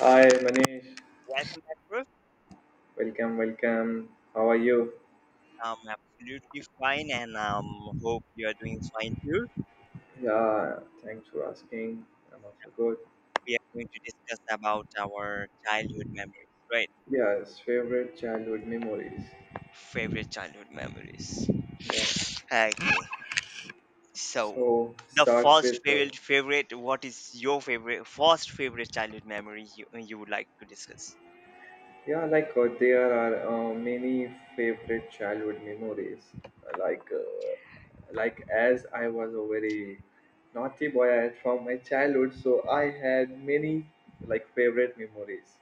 Hi Manish, Welcome back, Ruth. welcome, welcome. How are you? I'm absolutely fine, and hope you are doing fine too. Yeah, thanks for asking. I'm also good. We are going to discuss about our childhood memories, right? Yes, favorite childhood memories. Favorite childhood memories. Yeah, Okay, so so the starts first with favorite. What is your favorite, first favorite childhood memory you would like to discuss? yeah, like there are many favorite childhood memories. Like uh, like as I was a very naughty boy from my childhood, so I had many like favorite memories.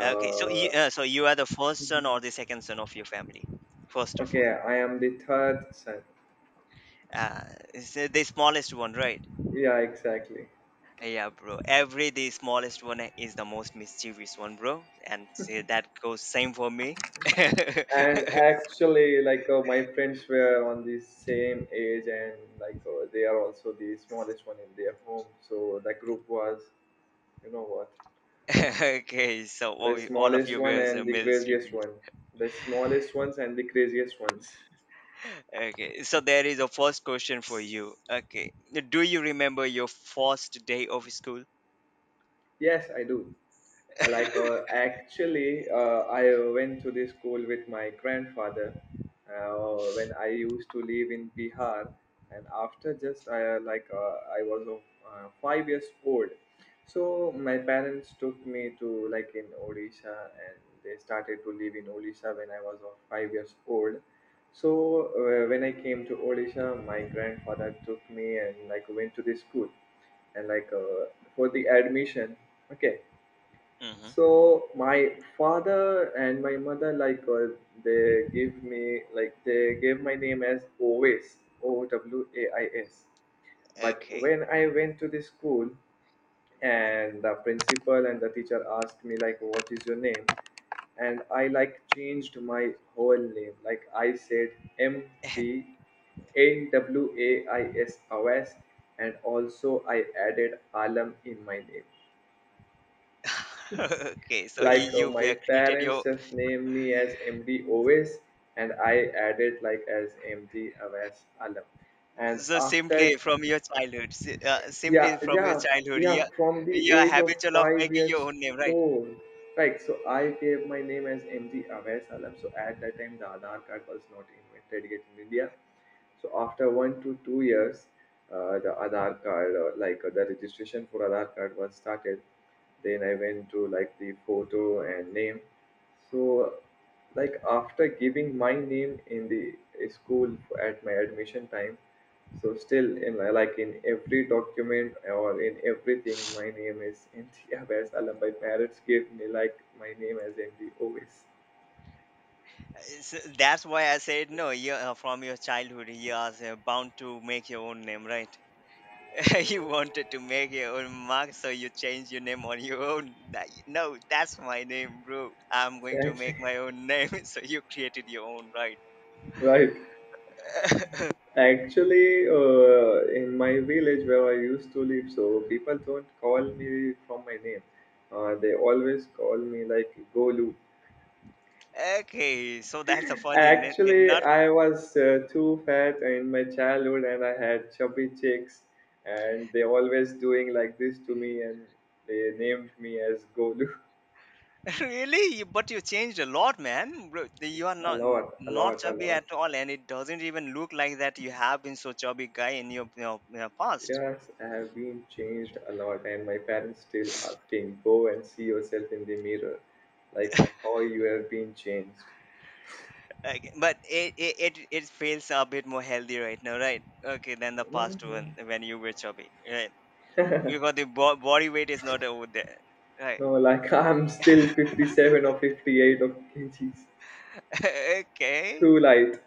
Okay, so you are the first son or the second son of your family, first of okay, all. I am the third son. Uh, it's the smallest one, right? Yeah, exactly. Yeah, bro. Every the smallest one is the most mischievous one, bro. And see, that goes same for me. And actually, like my friends were on the same age, and like they are also the smallest one in their home. So the group was, you know what, Okay, so the all of smallest you one guys and are the craziest mischievous. one, the smallest ones and the craziest ones. Okay, so there is a first question for you. Okay, do you remember your first day of school? Yes, I do. Like actually I went to the school with my grandfather, when I used to live in Bihar, and after just I was 5 years old, so my parents took me to like in Odisha, and they started to live in Odisha when I was 5 years old. So when I came to Odisha, my grandfather took me and like went to the school, and like for the admission. Okay, so Mm-hmm. my father and my mother, like they give me like they gave my name as Ovis, OWAIS. But Okay. when I went to the school, and the principal and the teacher asked me like what is your name, and I like changed my whole name, like I said MDNWAIS Awais, and also I added Alam in my name. Okay, so you Like you my were created parents your just named me as md always, and I added like as md awais alam, and so after simply from your childhood, yeah, simply from your yeah, childhood, yeah, yeah, from the you are age of habitual of five making your years own name, right? old. Right, so I gave my name as mg awais alam, so at that time the aadhaar card was not invented yet in India. So after 1 to 2 years, the registration for aadhaar card was started. Then I went to like the photo and name. So like after giving my name in the school at my admission time, so still in like in every document or in everything, my name is India. Whereas Allah, my parents gave me like my name as MD always. So that's why I said no. You from your childhood, you are bound to make your own name, right? you wanted to make your own mark, so you change your name on your own. That, no, that's my name, bro. I'm going to Exactly. make my own name. so you created your own, right? Right. Actually, in my village where I used to live, so people don't call me from my name. They always call me like Golu. okay, so that's a funny name. Actually, Not I was too fat in my childhood, and I had chubby cheeks, and they always doing like this to me, and they named me as Golu. really, you- but you changed a lot, man. Bro, you are A not lot, a not lot, a chubby lot. at all, and it doesn't even look like that. You have been so chubby guy in your past. Yes, I have been changed a lot, and my parents still asking, go and see yourself in the mirror, like how you have been changed. Okay, but it feels a bit more healthy right now, right? Okay, than the past one Mhm. when you were chubby, right? Because the body weight is not over there, right? No, like I'm still 57 or 58 of kgs. okay, Too light.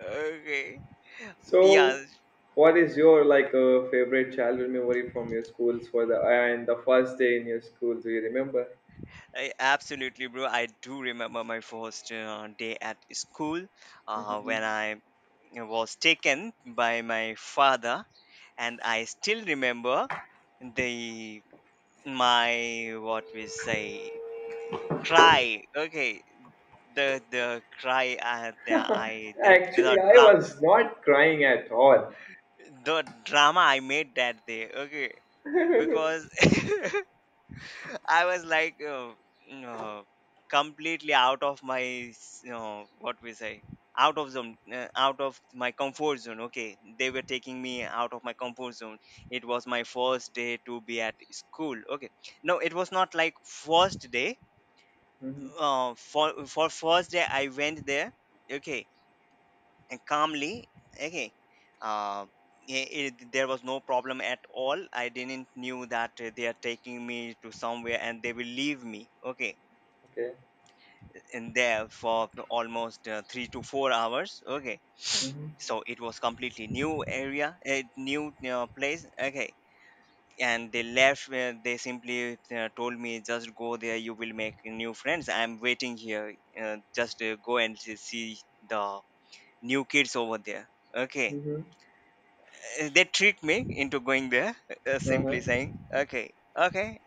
okay, So, yeah, what is your like favorite childhood memory from your schools for the and the first day in your school? Do you remember? I, absolutely, bro. I do remember my first day at school, Hmm. when I was taken by my father, and I still remember the my what we say Cry. Okay. The cry the I the Actually, I dram was not crying at all. The drama I made that day. Okay. Because I was like you know, completely out of you know, what we say out of zone, out of my comfort zone. Okay, they were taking me out of my comfort zone. It was my first day to be at school. Okay, no, it was not like first day. Mhm. For first day I went there, okay, and calmly. Okay, uh, it, there was no problem at all. I didn't knew that they are taking me to somewhere and they will leave me, okay, Okay. in there for almost 3 to 4 hours. Okay, Hmm. so it was completely new area, a new place. Okay, and they left, where they simply told me, just go there, you will make new friends, I'm waiting here, just go and see the new kids over there. Okay, Hmm. They tricked me into going there, Uh-huh. simply saying, okay, okay,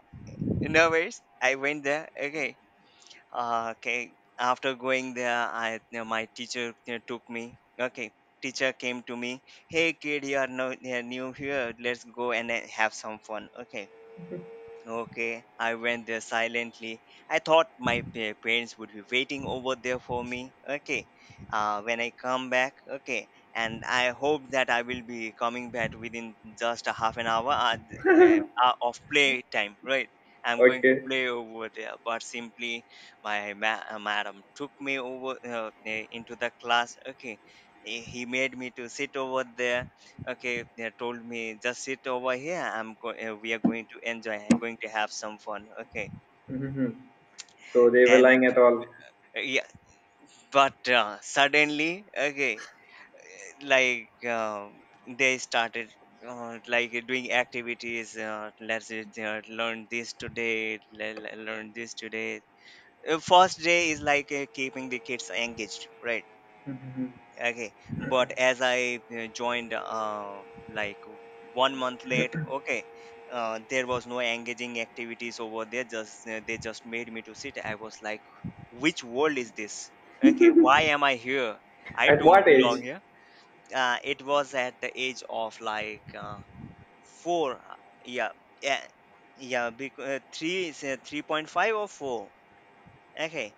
no worries. I went there. Okay, okay. After going there, I you know, my teacher, you know, took me. Okay, teacher came to me. Hey kid, you are no, you are new here. Let's go and have some fun. Okay, okay, I went there silently. I thought my parents would be waiting over there for me. Okay, when I come back, okay, and I hope that I will be coming back within just a half an hour of play time, right? I'm going to Okay. play over there, but simply my madam took me over into the class. Okay, he made me to sit over there. Okay, they told me, just sit over here. I'm we are going to enjoy, going to have some fun. Okay, Hmm. So they were then lying at all. Yeah, but suddenly, okay, like um, they started doing activities. Let's say, learn this today. Learn this today. First day is like keeping the kids engaged, right? Hmm. Okay, but as I joined like 1 month late. Okay, there was no engaging activities over there. Just They just made me to sit. I was like, which world is this? Okay, why am I here? I At don't what belong age? here. It was at the age of like four, yeah, yeah yeah because three is 3.5 or four. Okay,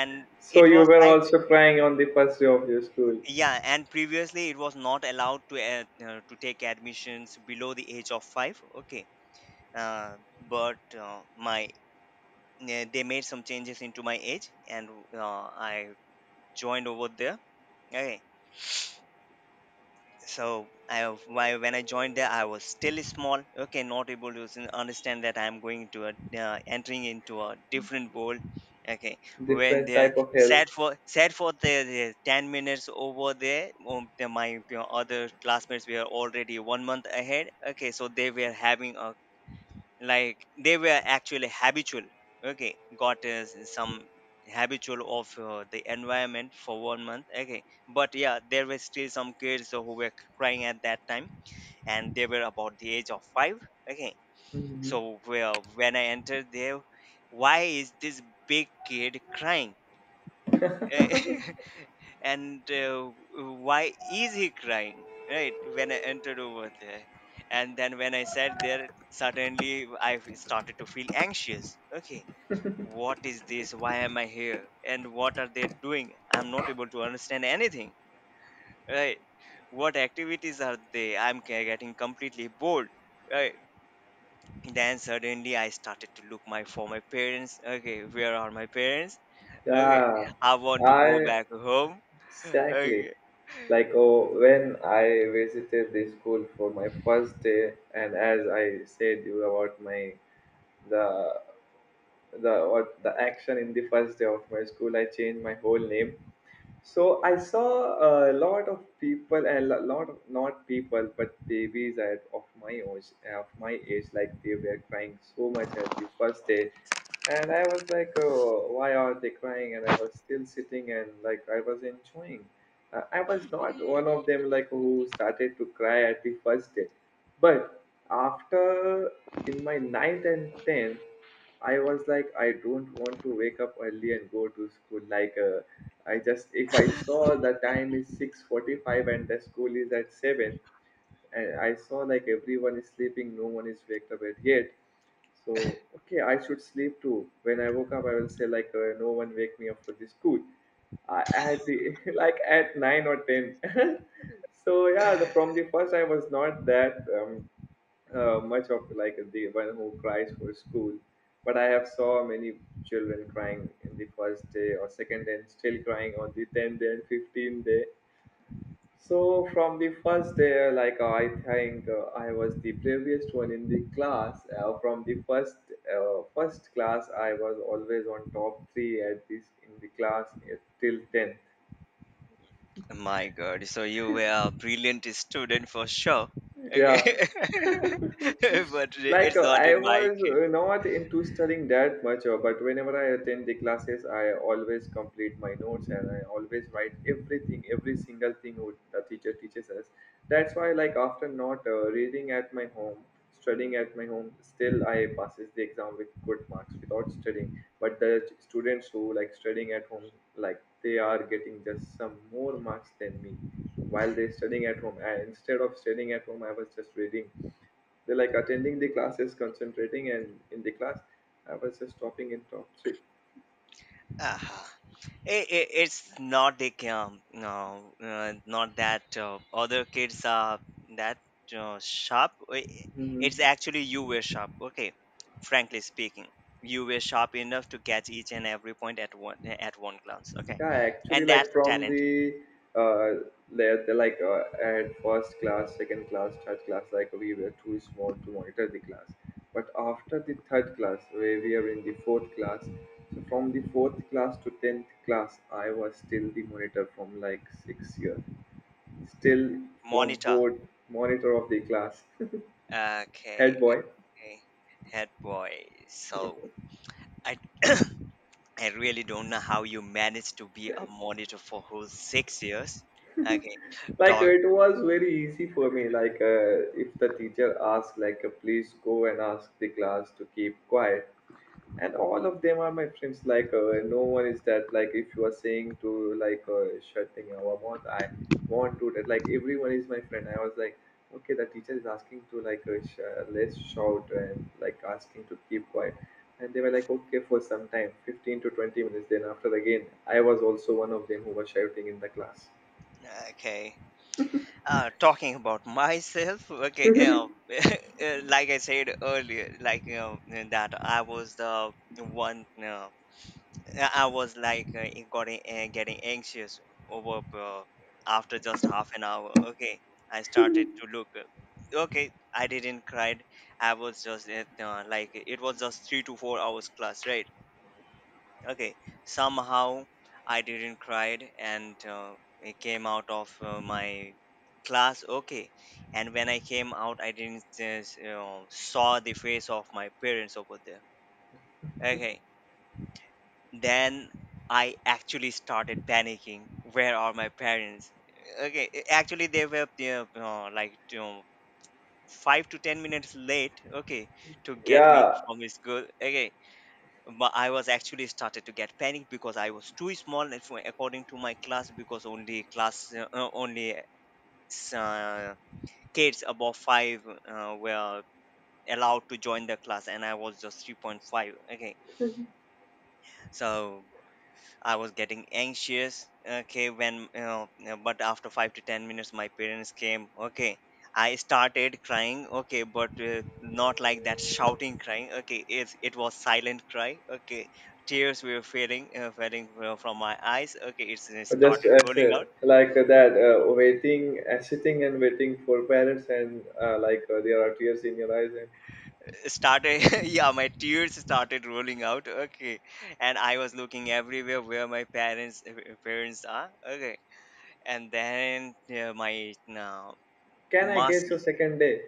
and So it you was were like, also crying on the first day of your school. yeah, and previously it was not allowed to to take admissions below the age of five. Okay, but my they made some changes into my age, and I joined over there. Okay, so I have- why when I joined there I was still small, okay, not able to understand that I'm going to entering into a different world. Okay, when Different they type of hell. Sat for the 10 minutes over there, my, you know, other classmates were already 1 month ahead. Okay, so they were having a like, they were actually habitual, okay, got some habitual of the environment for 1 month. Okay, but yeah, there were still some kids who were crying at that time, and they were about the age of five. Okay, Hmm. so well, when I entered there, why is this big kid crying? Eh, and why is he crying, right, when I entered over there? And then when I sat there, suddenly I started to feel anxious. Okay, what is this? Why am I here? And what are they doing? I'm not able to understand anything, right? What activities are they? I'm getting completely bored, right? Then suddenly I started to look my for my parents. Okay, where are my parents? Okay. Yeah. I want to go I back home. Exactly. Okay. Like oh, when I visited the school for my first day, and as I said you about my the the what the action in the first day of my school, I changed my whole name. So I saw a lot of people, a lot of not people, but babies at of my age, like they were crying so much at the first day, and I was like, oh, why are they crying? And I was still sitting and like I was enjoying. I was not one of them like who started to cry at the first day, but after in my ninth and tenth, I was like, I don't want to wake up early and go to school. Like, I just if I saw the time is 6:45 and the school is at 7, and I saw like everyone is sleeping, no one is waked up yet. So okay, I should sleep too. When I woke up, I will say like no one wake me up for this school. I had the like at nine or ten. So yeah, from the first I was not that. Much of like the one who cries for school, but I have saw many children crying in the first day or second day, and still crying on the 10th day and 15th day. So from the first day, like I think I was the bravest one in the class, from the first class I was always on top three at this in the class till 10th. My God. So you were a brilliant student for sure. Okay. Yeah. but Like it's not I in my was case. Not into studying that much, but whenever I attend the classes I always complete my notes, and I always write everything, every single thing what the teacher teaches us. That's why, like, after not reading at my home, studying at my home, still I passes the exam with good marks without studying. But the students who like studying at home, like they are getting just some more marks than me, while they're studying at home I, instead of studying at home I was just reading. They like attending the classes, concentrating, and in the class, I was just topping in top 3. Uh-huh. It's not like no, not that other kids are that sharp. I- Mm-hmm. it's actually you were sharp. Okay, frankly speaking, you were sharp enough to catch each and every point at one glance. Okay, Yeah, actually, and that's like a from talent. the le- the, like at first class, second class, third class, like we were too small to monitor the class. But after the third class, where we are in the fourth class, so from the fourth class to tenth class, I was still the monitor from like 6 years, still from Monitor. board monitor of the class, Okay, head boy. okay. Head boy. So I I really don't know how you managed to be a monitor for whole 6 years. Okay, Like talk. it was very easy for me, like if the teacher asks like please go and ask the class to keep quiet, and all of them are my friends, like no one is that, like if you are saying to like shutting our mouth I won't do that, like everyone is my friend. I was like, okay, the teacher is asking to like let's shout and like asking to keep quiet, and they were like okay for some time 15 to 20 minutes, then after again I was also one of them who was shouting in the class. Okay, talking about myself. Okay, you know, like I said earlier, like, you know, that I was the one. You know, I was like it got getting anxious over after just half an hour. Okay, I started to look. Okay, I didn't cry. I was just like it was just 3 to 4 hours class, right? Okay, somehow I didn't cry and it came out of my class. Okay, and when I came out, I didn't you know, saw the face of my parents over there. Okay, then I actually started panicking. Where are my parents? Okay, actually they were, you know, like, you know, 5 to 10 minutes late. Okay, to get me Yeah, from school. Okay, but I was actually started to get panicked because I was too small and according to my class, because only class only uh, kids above five were allowed to join the class and I was just 3.5. Okay, so. I was getting anxious. Okay, when, you know, but after 5 to 10 minutes, my parents came. Okay, I started crying. Okay, but not like that shouting crying. Okay, it was silent cry. Okay, tears were falling, from my eyes. Okay, it's, it just started as rolling a, out. like that waiting sitting and waiting for parents, and like there are tears in your eyes, and Started, yeah, my tears started rolling out. Okay, and I was looking everywhere where my parents are. Okay, and then my can I guess your Masi. second day?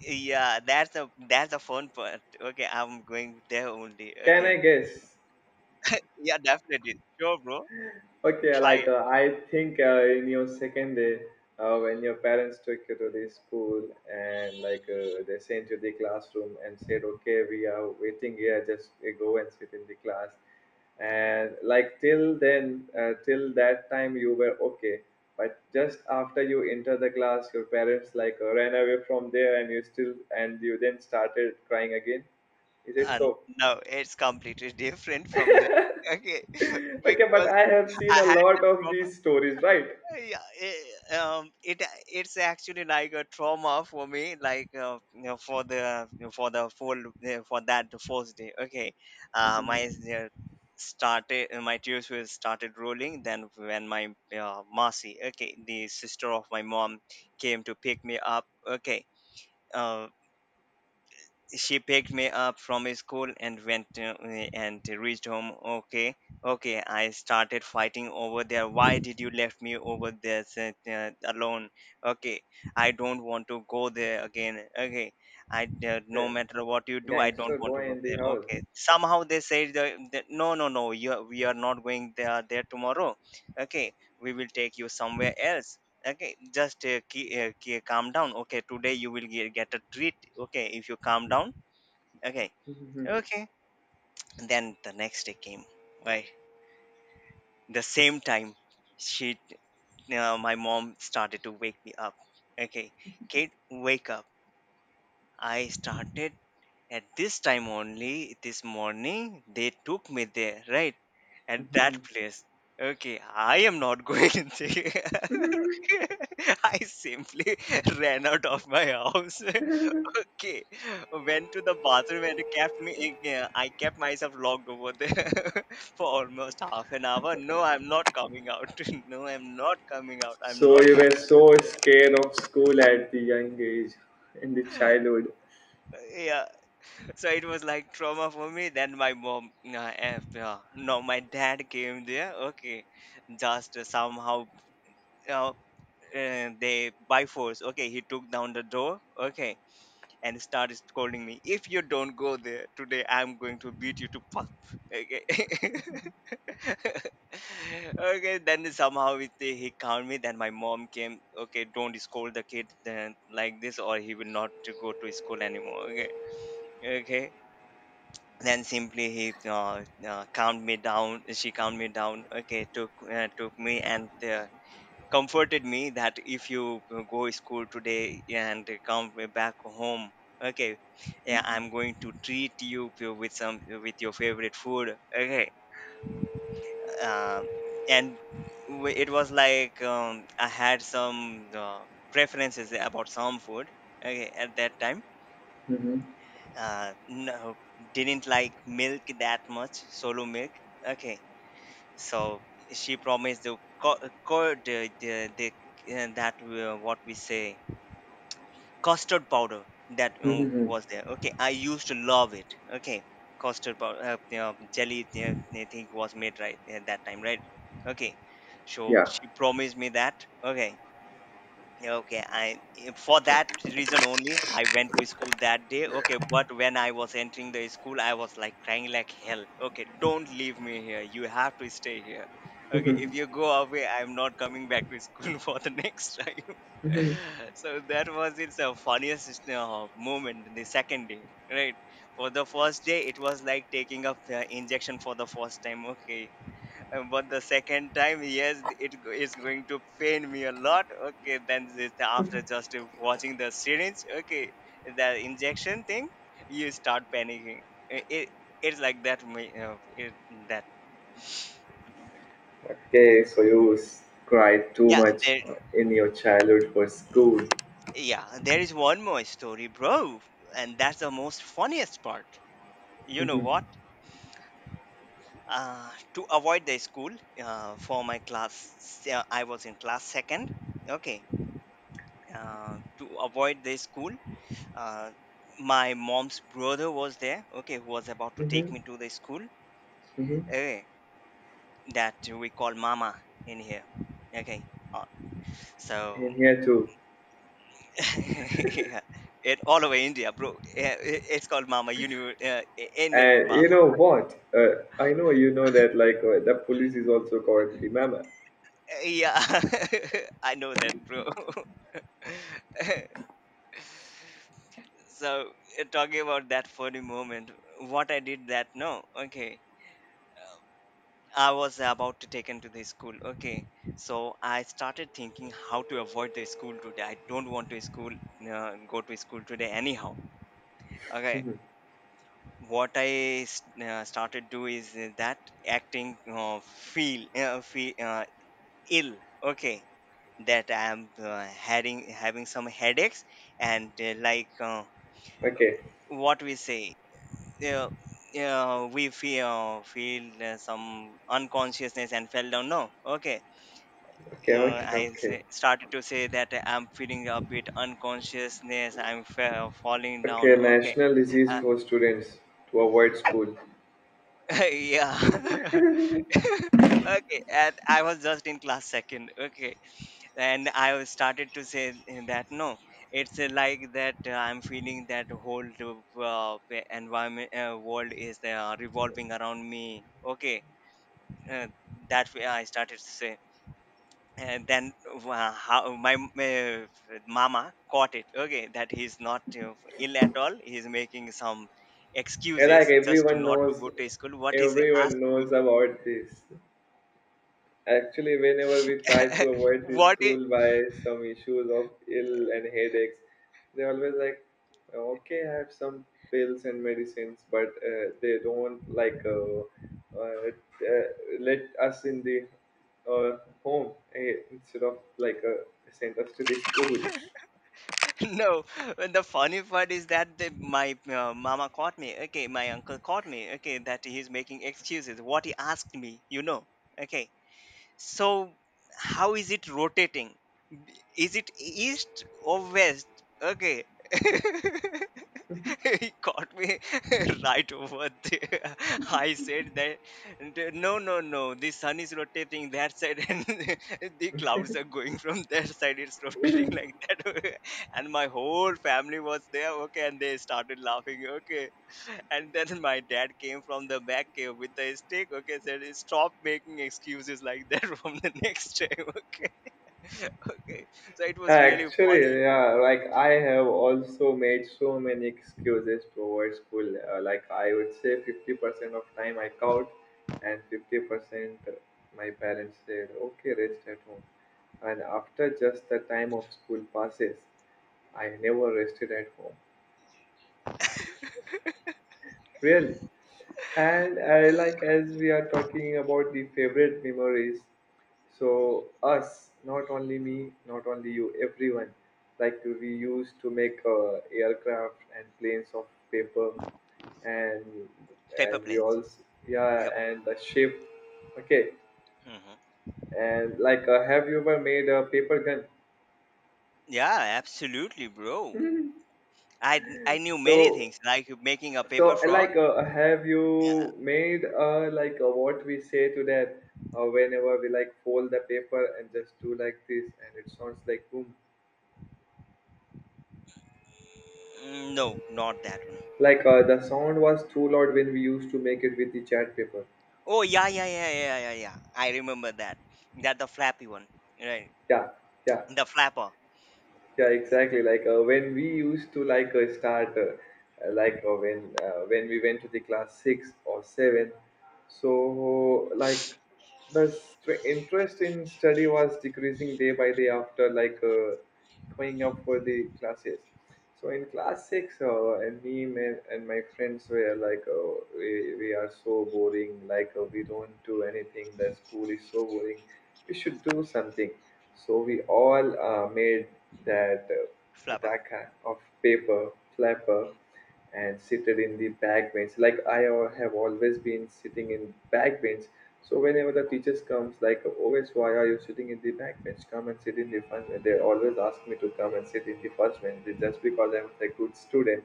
Yeah, that's a fun part. Okay, I'm going there only. Can I Okay. guess? Yeah, definitely. Sure, bro. Okay, Try like it. I think in your second day, when your parents took you to the school, and like they sent you the classroom and said, "Okay, we are waiting here. Just go and sit in the class." And like till that time, you were okay. But just after you enter the class, your parents like ran away from there, and you still and you then started crying again. Is it And so? no, it's completely different from there. Okay. Okay, but Because I have I seen a had lot that of problem. these stories, right? Yeah, it's actually like a trauma for me, like you know, for the full for that first day. Okay. My Mhm. uh, Started, my tears were started rolling then, when my Marcy, okay, the sister of my mom, came to pick me up. Okay. uh, she picked me up from school and and reached home. Okay. Okay, I started fighting over there. Why did you left me over there alone? Okay, I don't want to go there again. Okay, I, no Okay, matter what you do, I don't gangster want to boy go in the there. house. Okay. Somehow they said, no, no, no, we are not going there there tomorrow. Okay, we will take you somewhere else. Okay, just key, key, calm down. Okay, today you will get a treat, okay, if you calm down. Okay. Okay. Then the next day came, right, the same time. She my mom started to wake me up. Okay, kid, wake up. I started, at this time only this morning, they took me there, right, at that place. Okay, I am not going there. I simply ran out of my house. Okay, went to the bathroom and kept me. Yeah, I kept myself locked over there for almost half an hour. No, I'm not coming out. No, I'm not coming out. So I'm not you going were so over there. scared of school at the young age, in the childhood. Yeah, so it was like trauma for me. Then my mom, yeah, no, my dad came there. Okay, just somehow, uh, they by force. Okay, he took down the door. Okay, and started scolding me. If you don't go there today, I'm going to beat you to pulp. Okay. Okay. Then somehow it, he calmed me. Then my mom came. Okay, don't scold the kid then like this, or he will not to go to school anymore. Okay. Okay. Then simply he calmed me down. She calmed me down. Okay, took me and comforted me that if you go school today and come back home. Okay. Yeah, I'm going to treat you with some, with your favorite food. Okay. um, and it was like, I had some uh, preferences about some food. Okay, at that time, no, didn't like milk that much, solo milk. Okay. So she promised the co- co- the that what we say, custard powder. That Mhm. was there. Okay, I used to love it. Okay. Custard powder, you know, jelly, I think was made right at that time, right? Okay. So Yeah. she promised me that. Okay. Okay, I eh, for that reason only I went to school that day. Okay, but when I was entering the school, I was like crying like hell. Okay, don't leave me here. You have to stay here. Okay, if you go away, I'm not coming back to school for the next time. So that was its funniest moment. The second day, right? For the first day, it was like taking up injection for the first time. Okay. But the second time, yes, is going to pain me a lot. Okay, then this, after just watching the syringe, okay, the injection thing, you start panicking. It, it's like it, that. Okay, so you cried too yeah much there in your childhood for school. yeah, there is one more story, bro, and that's the most funniest part. You know Mhm. what, uh, to avoid the school, for my class, I was in class second. Okay. To avoid the school, uh, my mom's brother was there, okay, who was about to take Mhm. me to the school. Mhm. Okay, that we call mama in here. Okay. uh, so. In here too. Yeah, it all over India, bro. Yeah, it's called mama, you know, Indian And you mama. know what? I know you know that like the police is also called the mama. Yeah. I know that, bro. So talking about that funny moment, what I did, that, no, okay, I was about to take into the school. Okay, so I started thinking how to avoid the school today. I don't want to school, go to school today anyhow. Okay. Mhm. What I started do is that, acting feel ill. Okay, that I am having some headaches and like Okay, what we say. Uh, we feel some unconsciousness and fell down. No, okay, okay, okay, I okay. say, started to say that I'm feeling a bit unconsciousness. I'm falling Okay, down. Okay. national disease for students to avoid school. Yeah. Okay. And I was just in class second. Okay. And I was started to say that, no, it's like that, I'm feeling that whole uh, environment, world is revolving around me. Okay. Uh, that way I started to say. And then, how my mama caught it. Okay, that he's not ill at all, he's making some And like excuses just to not to go to school what is everyone asked knows about this. Actually, whenever we try to to. avoid the What is, school by some issues of ill and headaches, they always like, okay, I have some pills and medicines, but they don't like uh, uh, let us in the uh, home, instead of like send us to the school. no, the funny part is that the, my mama caught me. Okay, my uncle caught me. Okay, that he's making excuses, what he asked me, you know. Okay. So how is it rotating? Is it east or west? Okay. He caught me right over there. I said that, No, no, no, the sun is rotating that side, and the clouds are going from that side. It's rotating like that." And my whole family was there. Okay, and they started laughing. Okay, and then my dad came from the back with a stick. Okay, said stop making excuses like that from the next time. Okay. Okay. So it was really funny. Actually, yeah, like I have also made so many excuses towards school. Like I would say 50% of time I count, and 50% my parents said, okay, rest at home. And after just the time of school passes, I never rested at home. Really. And I like as we are talking about the favorite memories, so us, not only me, not only you, everyone. Like we used to make aircraft and planes of paper, and Paper we planes. all, Yep. yeah, and the ship. Okay, Hmm. and like have you ever made a paper Yeah, absolutely, bro. gun? I I knew many so things, like making a So, paper frog. like, have Yeah. you made like what we say to that whenever we like fold the paper and just do like this, and it sounds like boom. Mm, no, not that one. Like the sound was too loud when we used to make it with the chart paper. Oh yeah, yeah, yeah, yeah, yeah, yeah. I remember that. That the flappy one, right? Yeah, yeah. The flapper, Yeah, exactly, like when we used to like start like when we went to the class 6 or 7, so like the interest in study was decreasing day by day after like going up for the classes. So in class 6, and me, man, and my friends were like we are so boring, like we don't do anything, the school is so boring. We should do something. So we all made that flapper. attack of paper flapper Mm. and seated in the back bench. Like I have always been sitting in back bench. So whenever the teachers comes, like, always, why are you sitting in the back bench? Come and sit in the front bench. They always ask me to come and sit in the first bench just because I'm a good student,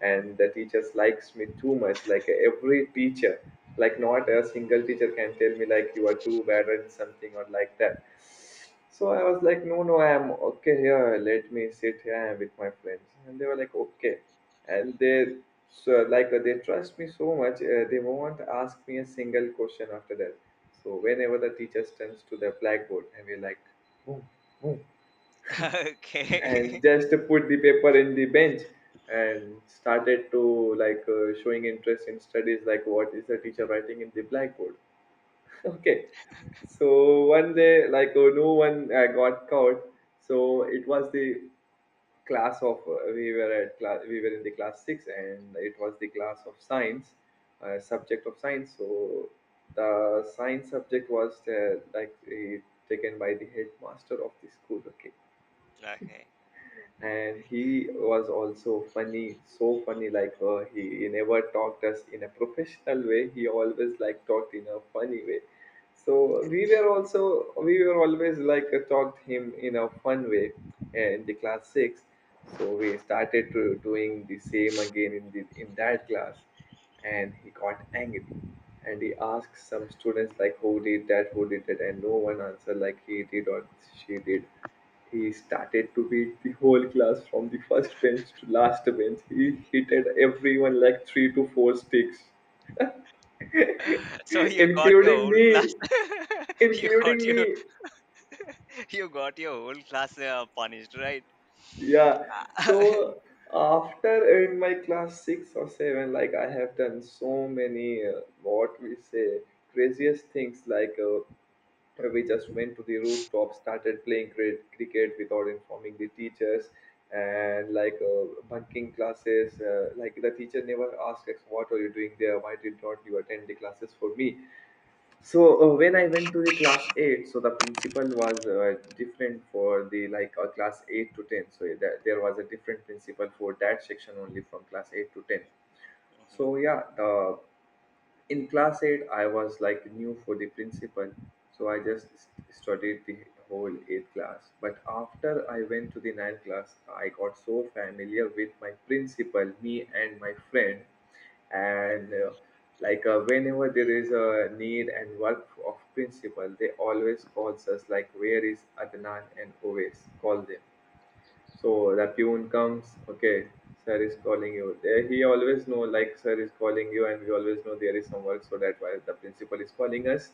and the teachers likes me too much. Like every teacher, like, not a single teacher can tell me like you are too bad at something, or like that. So I was like, no, no, I am okay here, let me sit here with my friends. And they were like, okay. And they, so like they trust me so much, they won't ask me a single question after that. So whenever the teacher turns to the blackboard and we're like, boom, boom, and Okay. just put the paper in the bench and started to like showing interest in studies, like what is the teacher writing in the blackboard. Okay. So one day, like, oh, no one got caught. So it was the class of, we were in the class six, and it was the class of science, subject of science. So the science subject was like taken by the headmaster of the school. Okay, Okay. and he was also funny, so funny. Like he never talked us in a professional way. He always like talked in a funny way, so we were always like taught him in a fun way, in the class six. So we started to doing the same again in that class, and he got angry, and he asked some students like, who did that, and no one answered like he did or she did. He started to beat the whole class from the first bench to last bench. He hit at everyone like three to four sticks, So you got your including whole me class. You got including your, me you got your whole class punished, right? Yeah, so after in my class 6 or 7, like I have done so many what we say, craziest things, like we just went to the rooftop, started playing cricket without informing the teachers. And like bunking classes, like the teacher never asked us, what are you doing there, why did not you attend the classes for me. So when I went to the class eight, so the principal was different for the, like class eight to ten. So that there was a different principal for that section only, from class eight to ten. Mhm. So yeah, the in class 8 I was like new for the principal, so I just studied the whole 8th class. But after I went to the ninth class, I got so familiar with my principal, me and my friend. And like whenever there is a need and work of principal, they always calls us, like, where is Adnan, and always call them. So the tune comes, okay, sir is calling you. There he always know, like sir is calling you, and we always know there is some work, so that why the principal is calling us.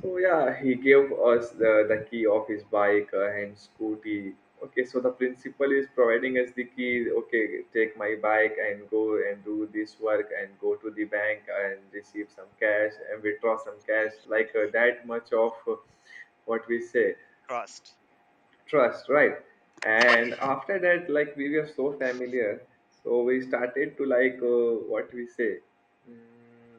So yeah, he gave us the key of his bike, and scooty. Okay, so the principal is providing us the key. Okay, take my bike and go and do this work, and go to the bank and receive some cash, and withdraw some cash. Like that much of what we say, Crossed. trust, right? And after that, like we were so familiar. So we started to like what we say, mm,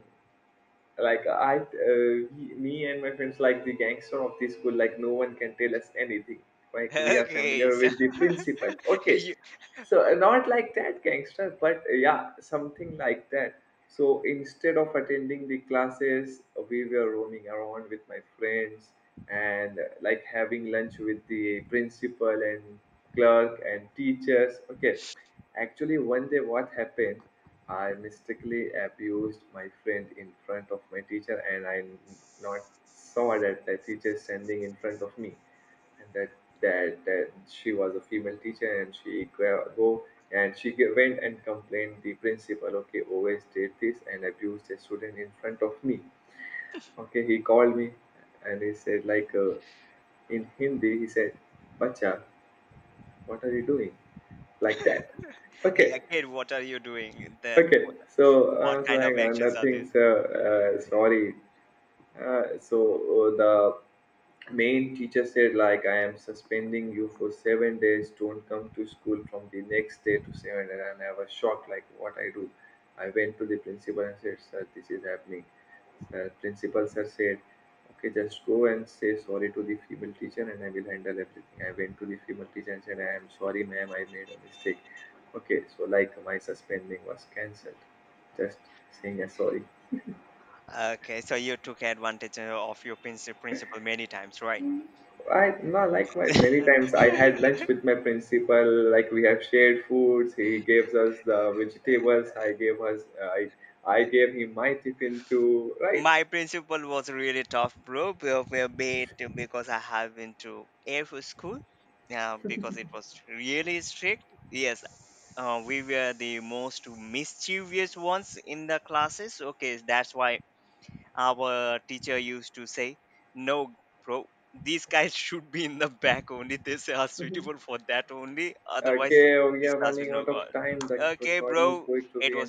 like me and my friends, like the gangster of the school, like no one can tell us anything. Like we are familiar Okay, so with the principal, okay. you, So not like that gangster, but yeah, something like that. So instead of attending the classes, we were roaming around with my friends, and like having lunch with the principal and clerk and teachers, okay. Actually, one day, what happened, I mistakenly abused my friend in front of my teacher, and I not saw that the teacher standing in front of me, and that she was a female teacher, and she gra- go and she ge- went and complained the principal. Okay, always did this and abused a student in front of me. Okay, he called me, and he said like, in Hindi he said, bacha, what are you doing, like that, yeah, okay. kid, what are you doing? The, Okay, so so I what was kind like, of actions are nothing, these? sir, sorry. The main teacher said, like, I am suspending you for 7 days, don't come to school from the next day to 7 days. And I was shocked, like, what I do. I went to the principal and said, sir, this is happening, sir. Principal sir said, okay, just go and say sorry to the female teacher, and I will handle everything. I went to the female teacher and said, I am sorry, ma'am, I made a mistake. Okay, so like my suspending was cancelled, just saying a sorry. Okay, so you took advantage of your principal many times, right? I, no, likewise. Many times I had lunch with my principal. Like we have shared foods. He gives us the vegetables. I gave us. I gave him my tiffin too. Right. My principal was really tough, bro, be it because I have been to Air Force School. Yeah, because it was really strict. Yes, we were the most mischievous ones in the classes. Okay, that's why our teacher used to say, "No, bro, these guys should be in the back only. These are suitable for that only. Otherwise, Okay, we this are class is running no out of good." time. The Okay, recording is bro, going to be it was ended.